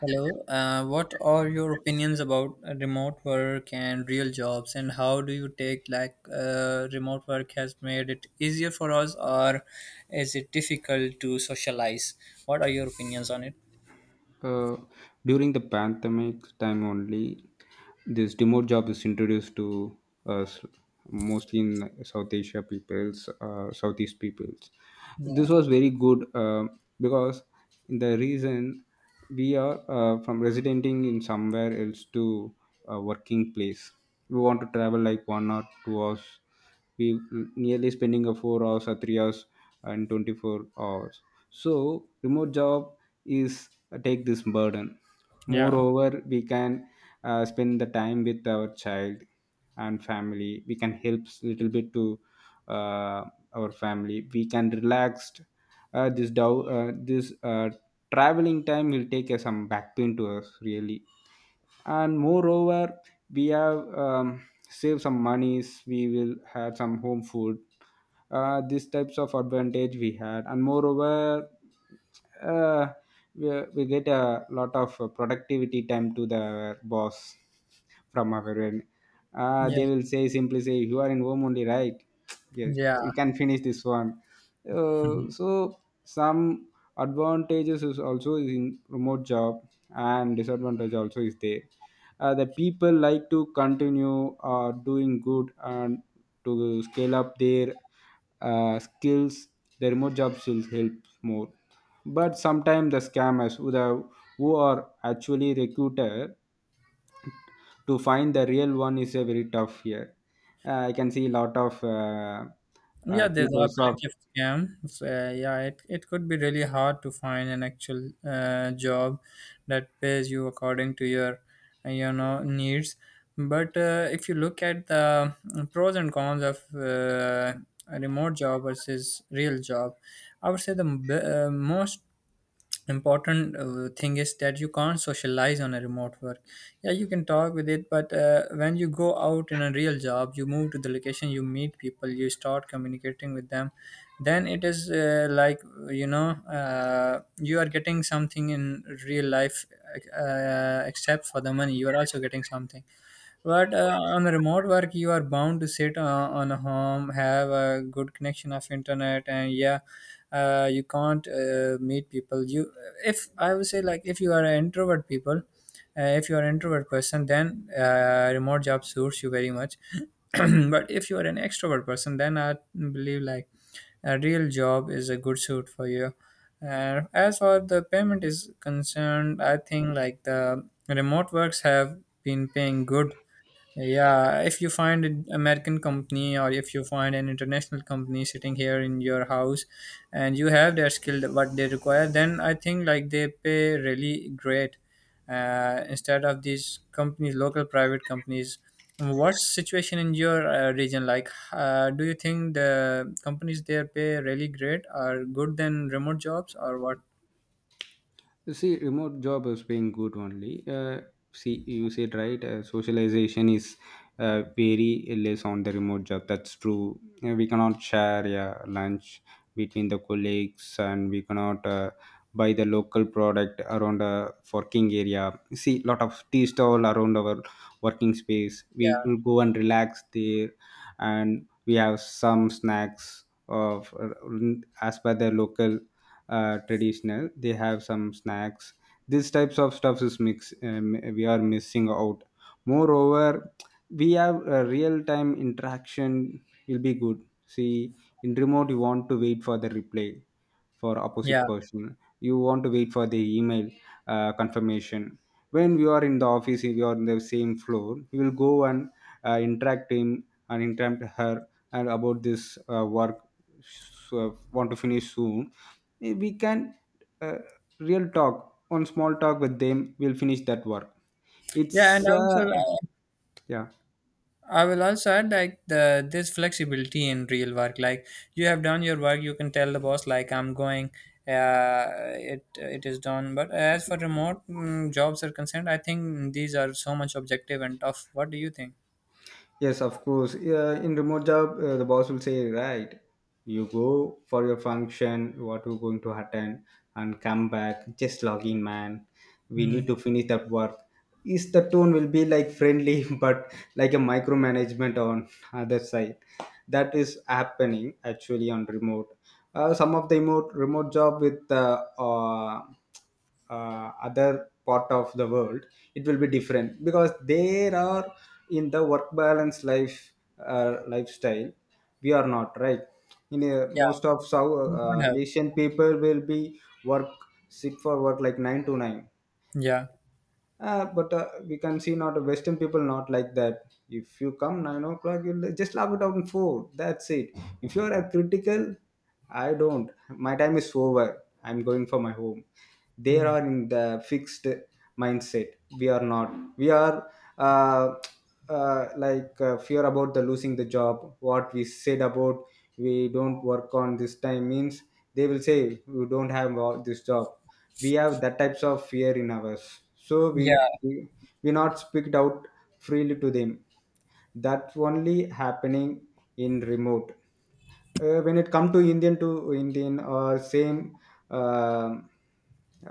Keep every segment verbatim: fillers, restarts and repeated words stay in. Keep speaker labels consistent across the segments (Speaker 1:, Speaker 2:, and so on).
Speaker 1: Hello, uh, what are your opinions about remote work and real jobs, and how do you take like uh, remote work has made it easier for us, or is it difficult to socialize? What are your opinions on it?
Speaker 2: Uh, During the pandemic time only, this remote job is introduced to us mostly in South Asia peoples, uh, Southeast peoples.
Speaker 1: Yeah,
Speaker 2: This was very good uh, because the reason we are uh, from residenting in somewhere else to a working place, we want to travel like one or two hours, we n- nearly spending a four hours or three hours and twenty-four hours. So remote job is uh, take this burden.
Speaker 1: yeah,
Speaker 2: Moreover, we can uh, spend the time with our child and family, we can help s- little bit to uh, our family, we can relaxed. Uh, this dow- uh, this uh, Traveling time will take uh, some back pain to us really. And moreover, we have um, saved some monies, we will have some home food. Uh, these types of advantage we had. And moreover, uh, we, we get a lot of uh, productivity time to the boss from our end. Uh, they
Speaker 1: yeah,
Speaker 2: will say simply say you are in home only, right? Yes,
Speaker 1: yeah.
Speaker 2: you can finish this one. uh, so some advantages is also in remote job, and disadvantage also is there. Uh, the people like to continue uh, doing good and to scale up their uh, skills, the remote job still helps more. But sometimes the scammers who, the, who are actually recruited, to find the real one is a very tough here. uh, I can see a lot of uh,
Speaker 1: Yeah,
Speaker 2: uh,
Speaker 1: there
Speaker 2: people
Speaker 1: are
Speaker 2: of.
Speaker 1: plenty of scams. Uh, yeah, it, it could be really hard to find an actual uh, job that pays you according to your uh, you know needs. But uh, if you look at the pros and cons of uh, a remote job versus real job, I would say the b- uh, most important uh, thing is that you can't socialize on a remote work. Yeah, you can talk with it, but uh, when you go out in a real job, you move to the location, you meet people, you start communicating with them. Then it is uh, like you know uh, you are getting something in real life, uh, except for the money, you are also getting something. But uh, on remote work, you are bound to sit uh, on a home, have a good connection of internet, and yeah, uh, you can't uh, meet people. You, if I would say, like, if you are an introvert people, uh, if you are an introvert person, then uh, remote job suits you very much. But if you are an extrovert person, then I believe, like, a real job is a good suit for you. And as far the payment is concerned, I think, like, the remote works have been paying good, yeah, if you find an American company or if you find an international company sitting here in your house, and you have their skill what they require, then I think, like, they pay really great, uh, instead of these companies, local private companies. What's situation in your uh, region like? Uh, do you think the companies there pay really great are good than remote jobs or what?
Speaker 2: You see, remote job is paying good only. Uh, see, you said right. Uh, socialization is uh, very less on the remote job. That's true. Uh, we cannot share, yeah, lunch between the colleagues, and we cannot uh, buy the local product around a working area. See, lot of tea stall around our working space. We
Speaker 1: Yeah,
Speaker 2: will go and relax there, and we have some snacks of uh, as per the local uh, traditional, they have some snacks. These types of stuff is mix, um, we are missing out. Moreover, we have a real time interaction will be good. See, in remote you want to wait for the reply for opposite
Speaker 1: yeah,
Speaker 2: person, you want to wait for the email uh, confirmation. When we are in the office, if you are in the same floor, you will go and uh, interact him and interact her and about this uh, work, so want to finish soon. Eh, we can uh, real talk on small talk with them, we'll finish that work.
Speaker 1: yeah, and
Speaker 2: it's uh,
Speaker 1: also uh,
Speaker 2: yeah
Speaker 1: I will also add, like, the this flexibility in real work. Like, you have done your work, you can tell the boss, like, I'm going. Uh, it it is done. But as for remote mm, jobs are concerned, I think these are so much objective and tough. What do you think?
Speaker 2: Yes, of course. Yeah, in remote job, uh, the boss will say, right, you go for your function, what you're going to attend, and come back. Just log in, man. We need
Speaker 1: Mm.
Speaker 2: to finish that work. Is the tone will be like friendly, but like a micromanagement on other side. That is happening actually on remote. Uh, some of the remote remote job with uh, uh, uh, other part of the world, it will be different because there are in the work balance life uh, lifestyle we are not right in uh,
Speaker 1: Yeah,
Speaker 2: most of south
Speaker 1: you don't
Speaker 2: uh,
Speaker 1: have.
Speaker 2: asian people will be work sick for work like nine to nine.
Speaker 1: Yeah.
Speaker 2: Uh, but uh, we can see not western people not like that. If you come nine o'clock, you'll just log it out in four, that's it. If you are a critical, I don't. My time is over. I'm going for my home. They
Speaker 1: Mm.
Speaker 2: are in the fixed mindset. We are not. We are uh, uh, like uh, fear about the losing the job. What we said about, we don't work on this time means they will say we don't have all this job. We have that types of fear in ours. So
Speaker 1: Yeah.
Speaker 2: we we, we not speak out freely to them. That's only happening in remote uh, when it come to indian to indian or same um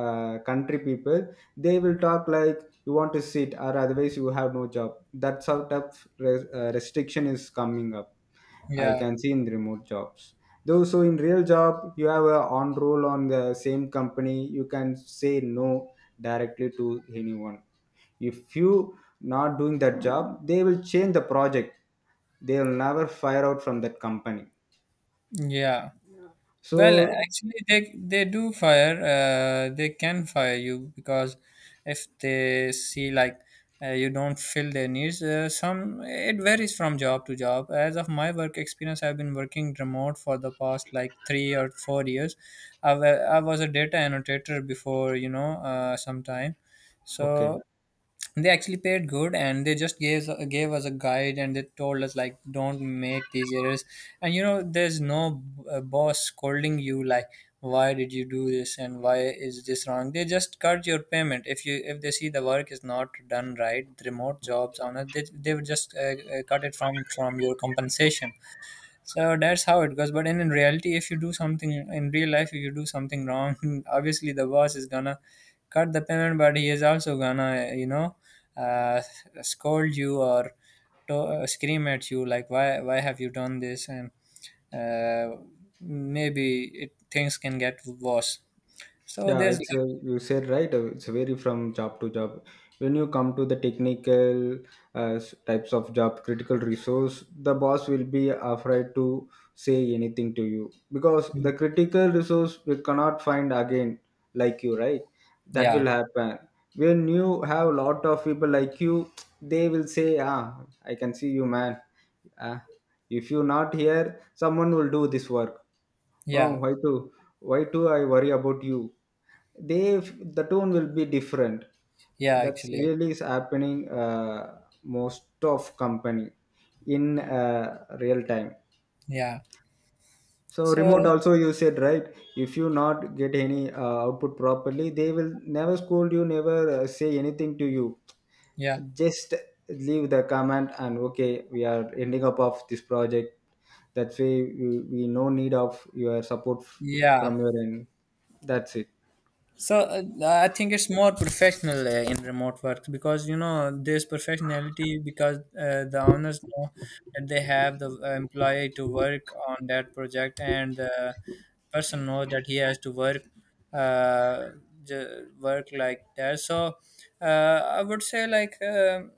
Speaker 2: uh, country people. They will talk like, you want to sit, or otherwise you have no job. That's how tough res- uh, restriction is coming up. I
Speaker 1: Yeah.
Speaker 2: can see in remote jobs though. So in real job, you have a on roll on the same company, you can say no directly to anyone. If you not doing that job, they will change the project, they will never fire out from that company.
Speaker 1: Yeah. Well,
Speaker 2: So
Speaker 1: actually, they they do fire. Uh, they can fire you because if they see like uh, you don't fill their needs, uh, some it varies from job to job. As of my work experience, I've been working remote for the past like three or four years. I, wa- I was a data annotator before, you know, uh, some time.
Speaker 2: okay.
Speaker 1: So they actually paid good, and they just gave gave us a guide, and they told us like, don't make these errors. And you know there's no uh, boss scolding you like, why did you do this and why is this wrong? They just cut your payment if you if they see the work is not done right. The remote jobs on it they, they would just uh, uh, cut it from from your compensation, so that's how it goes. But in, in reality, if you do something in real life, if you do something wrong, obviously the boss is gonna cut the payment, but he is also gonna, you know, uh, scold you or to- uh, scream at you like, why, why have you done this? And uh, maybe it, things can get worse. So
Speaker 2: Yeah,
Speaker 1: there's,
Speaker 2: it's a, you said right. uh, It's vary from job to job. When you come to the technical uh, s- types of job, critical resource, the boss will be afraid to say anything to you because the critical resource we cannot find again, like you, right? That will
Speaker 1: yeah,
Speaker 2: happen. When you have a lot of people like you, they will say, "Ah, I can see you, man. Ah, if you not here, someone will do this work." Oh,
Speaker 1: yeah,
Speaker 2: why too? Why do I worry about you. They, the tone will be different.
Speaker 1: yeah,
Speaker 2: That's
Speaker 1: actually,
Speaker 2: really is happening uh, most of company in uh, real time.
Speaker 1: yeah.
Speaker 2: So
Speaker 1: So
Speaker 2: remote also you said right. If you not get any uh, output properly, they will never scold you, never uh, say anything to you,
Speaker 1: yeah,
Speaker 2: just leave the comment and okay, we are ending up of this project, that way we, we no need of your support f-
Speaker 1: yeah.
Speaker 2: from your end, that's it.
Speaker 1: So uh, I think it's more professional uh, in remote work, because you know there's professionality, because uh, the owners know that they have the uh, employee to work on that project, and the person knows that he has to work. Uh, j- work like that, so uh, I would say, like, um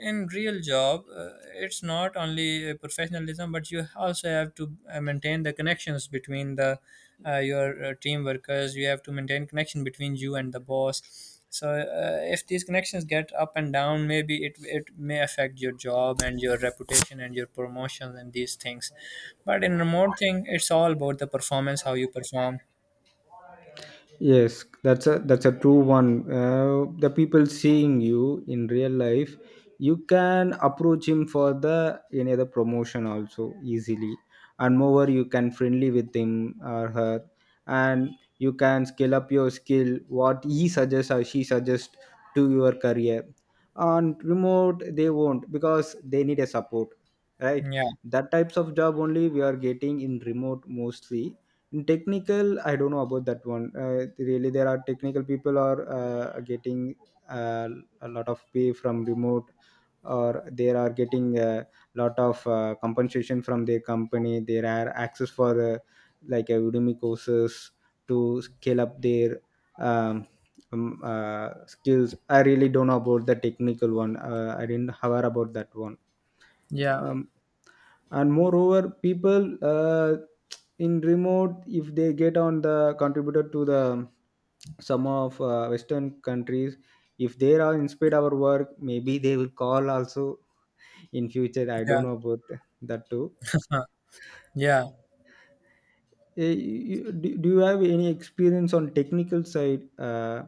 Speaker 1: in real job, uh, it's not only uh, professionalism, but you also have to uh, maintain the connections between the uh, your uh, team workers, you have to maintain connection between you and the boss, so uh, if these connections get up and down, maybe it it may affect your job and your reputation and your promotions and these things. But in remote thing, it's all about the performance, how you perform.
Speaker 2: Yes, that's a that's a true one. Uh, the people seeing you in real life, you can approach him for the any other promotion also easily, and moreover you can friendly with him or her, and you can scale up your skill what he suggests or she suggests to your career. On remote they won't because they need a support, right?
Speaker 1: Yeah,
Speaker 2: That types of job only we are getting in remote mostly. In technical I don't know about that one. Uh, really, there are technical people are uh, getting uh, a lot of pay from remote, or they are getting a lot of uh, compensation from their company. There are access for uh, like uh, udemy courses to scale up their um, um, uh, skills. I really don't know about the technical one. uh, I didn't hear about that one.
Speaker 1: yeah.
Speaker 2: um, and moreover people uh, in remote, if they get on the contributor to the um, some of uh, western countries, if they are inspired our work, maybe they will call also in future, I
Speaker 1: Yeah.
Speaker 2: don't know about that too.
Speaker 1: Yeah,
Speaker 2: Eh, you- do, do you have any experience on technical side, uh,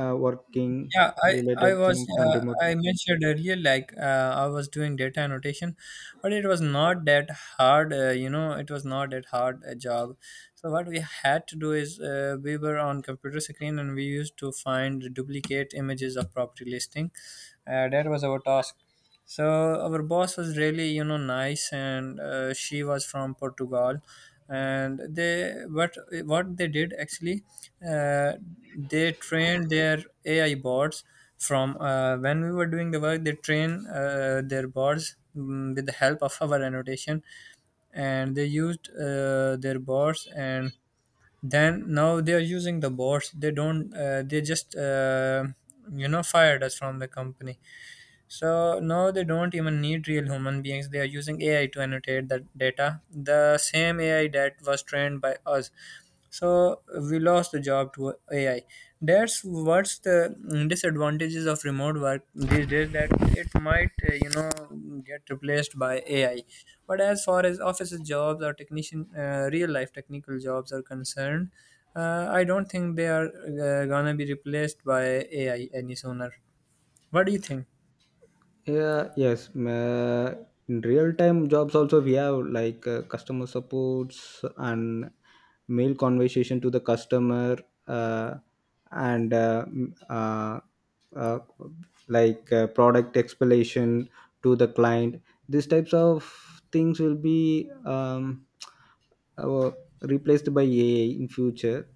Speaker 2: uh, working
Speaker 1: yeah. I
Speaker 2: related
Speaker 1: I was
Speaker 2: things on
Speaker 1: uh,
Speaker 2: remote?
Speaker 1: I mentioned earlier, like, uh, I was doing data annotation, but it was not that hard. Uh, you know, it was not that hard a job. So what we had to do is uh, we were on computer screen, and we used to find duplicate images of property listing. Uh, that was our task. So our boss was really, you know, nice, and uh, she was from Portugal. And they, what what they did actually, uh, they trained their A I bots from uh, when we were doing the work. They train uh, their bots mm, with the help of our annotation, and they used uh, their bots. And then now they are using the bots. They don't. Uh, they just, uh, you know, fired us from the company, so now they don't even need real human beings. They are using A I to annotate the data, the same A I that was trained by us. So we lost the job to A I. That's what's the mm, disadvantages of remote work these days. That it might uh, you know get replaced by A I. But as far as offices jobs or technician, uh, real life technical jobs are concerned, uh, I don't think they are uh, gonna be replaced by A I any sooner. What do you think?
Speaker 2: Yeah, yes. Ma- in real time jobs also we have like uh, customer supports and mail conversation to the customer, uh, and uh, m- uh, uh, like uh, product explanation to the client. These types of things will be um, replaced by A I in future.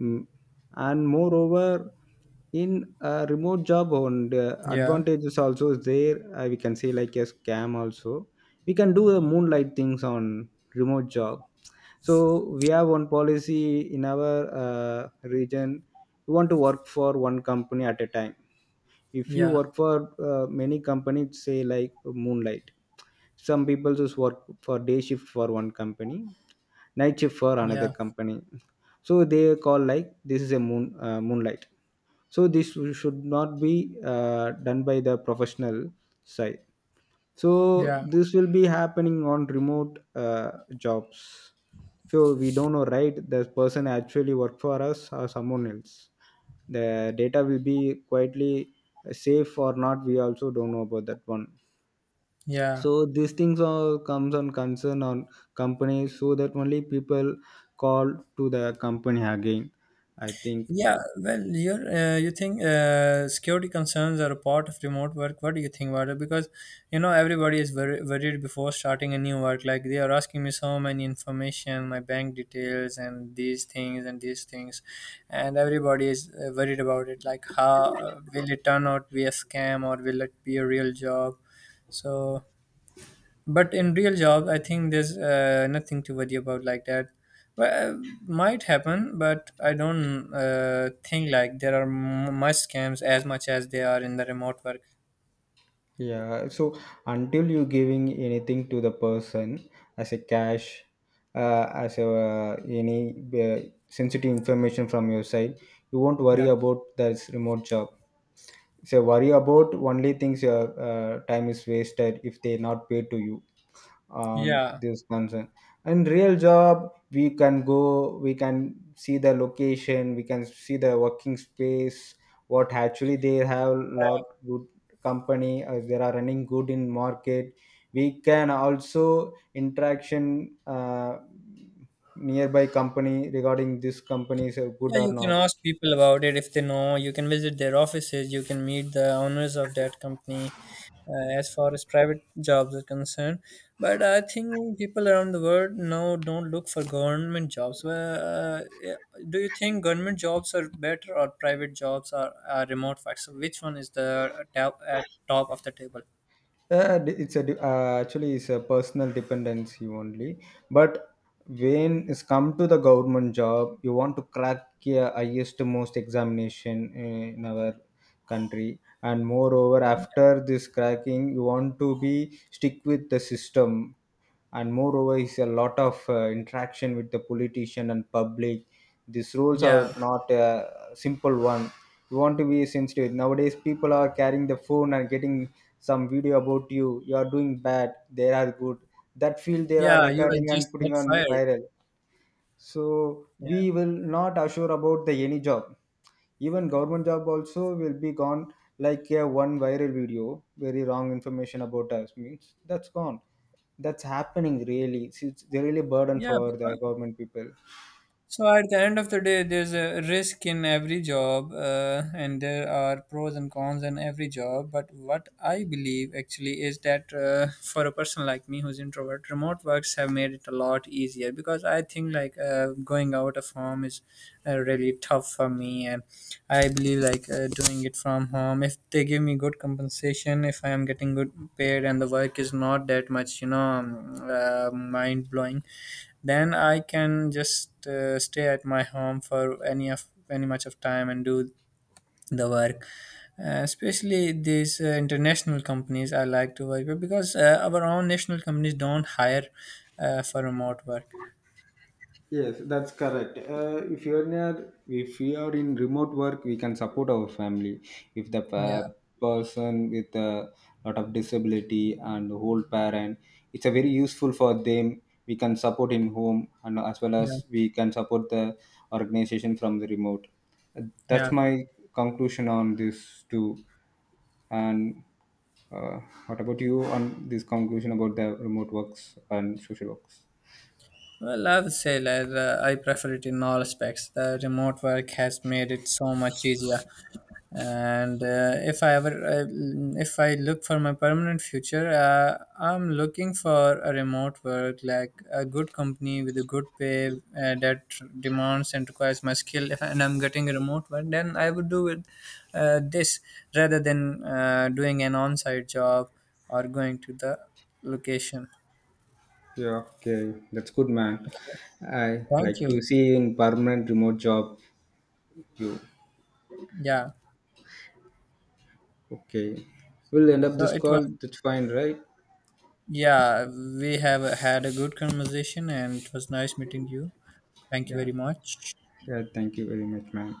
Speaker 2: Mm. And moreover, in a remote job, on the
Speaker 1: Yeah.
Speaker 2: advantages also is there. Uh, we can say like a scam also. We can do the moonlight things on remote job. So we have one policy in our uh, region. We want to work for one company at a time. If you
Speaker 1: Yeah,
Speaker 2: work for uh, many companies, say like moonlight, some people just work for day shift for one company, night shift for another
Speaker 1: yeah,
Speaker 2: company. So they call like this is a moon uh, moonlight. So this should not be uh, done by the professional side. So
Speaker 1: yeah,
Speaker 2: this will be happening on remote uh, jobs. So we don't know, right, the person actually work for us or someone else. The data will be quietly uh, safe or not, we also don't know about that one.
Speaker 1: yeah,
Speaker 2: So these things all comes on concern on company, so that only people call to the company again, I think.
Speaker 1: yeah. Well, you're, uh, you think uh, security concerns are a part of remote work. What do you think about it? Because you know everybody is very worried before starting a new work. Like, they are asking me so many information, my bank details, and these things and these things, and everybody is uh, worried about it. Like, how uh, will it turn out to be a scam or will it be a real job? So but in real job, I think there's uh, nothing to worry about, like that. Well, uh, might happen, but I don't uh, think, like, there are m- much scams as much as they are in the remote work.
Speaker 2: Yeah, so until you giving anything to the person as a cash, uh, as a uh, any uh, sensitive information from your side, you won't
Speaker 1: Yeah,
Speaker 2: worry about this remote job. So worry about only things your uh, time is wasted if they not pay to you on
Speaker 1: yeah,
Speaker 2: this concern. And real job we can go, we can see the location, we can see the working space, what actually they have. Lot good company uh, they are running good in market. We can also interaction uh, nearby company regarding this company is uh, good
Speaker 1: yeah.
Speaker 2: or
Speaker 1: You can
Speaker 2: not.
Speaker 1: ask people about it, if they know, you can visit their offices, you can meet the owners of that company, uh, as far as private jobs are concerned. But I think people around the world now don't look for government jobs. Well, Uh, yeah, do you think government jobs are better or private jobs are, are remote work? So which one is the uh, top, at top of the table?
Speaker 2: Uh, d- it's a de- uh, actually it's a personal dependency only. But when it's come to the government job, you want to crack a highest most examination in our country, and moreover, after this cracking, you want to be stick with the system. And moreover is a lot of uh, interaction with the politician and public. These roles are
Speaker 1: Yeah,
Speaker 2: not a simple one. You want to be sensitive, nowadays people are carrying the phone and getting some video about you, you are doing bad, they are good, that feel they are
Speaker 1: yeah, you will
Speaker 2: recording and
Speaker 1: just
Speaker 2: putting
Speaker 1: get
Speaker 2: on
Speaker 1: fired.
Speaker 2: viral. So
Speaker 1: Yeah,
Speaker 2: we will not assure about the any job, even government job also will be gone. Like a one viral video, very wrong information about us means, that's gone. That's happening really, it's, it's really a burden
Speaker 1: yeah,
Speaker 2: for the
Speaker 1: because,
Speaker 2: government people.
Speaker 1: so at the end of the day, there's a risk in every job, uh, and there are pros and cons in every job. But what I believe actually is that uh, for a person like me who's introvert, remote works have made it a lot easier, because I think, like, uh, going out of home is uh, really tough for me, and I believe, like, uh, doing it from home. If they give me good compensation, if I am getting good paid, and the work is not that much, you know, um, uh, mind blowing, then I can just uh, stay at my home for any of any much of time and do the work. Uh, especially these uh, international companies, I like to work with, because uh, our own national companies don't hire uh, for remote work.
Speaker 2: Yes, that's correct. Uh, if you are near, if we are in remote work, we can support our family. If the
Speaker 1: Yeah,
Speaker 2: pa- person with a lot of disability and old parent, it's a very useful for them. We can support in home and as well
Speaker 1: yeah,
Speaker 2: as we can support the organization from the remote. Uh,
Speaker 1: yeah.
Speaker 2: That's my conclusion on this too. And uh, what about you on this conclusion about the remote works and social works?
Speaker 1: Well, I would say that uh, I prefer it in all aspects. The remote work has made it so much easier, and uh, if I ever uh, if I look for my permanent future, uh, I'm looking for a remote work, like, a good company with a good pay uh, that demands and requires my skill, if and I'm getting a remote one, then I would do it, uh, this, rather than uh, doing an on-site job or going to the location.
Speaker 2: Yeah, okay, that's good, man. I
Speaker 1: Thank
Speaker 2: like to
Speaker 1: you.
Speaker 2: see you in permanent remote job. You
Speaker 1: Yeah.
Speaker 2: okay? We'll end up
Speaker 1: So
Speaker 2: this
Speaker 1: it
Speaker 2: call.
Speaker 1: was,
Speaker 2: That's fine, right?
Speaker 1: yeah, we have had a good conversation, and it was nice meeting you. Thank you
Speaker 2: Yeah,
Speaker 1: very much.
Speaker 2: yeah. Thank you very much, man.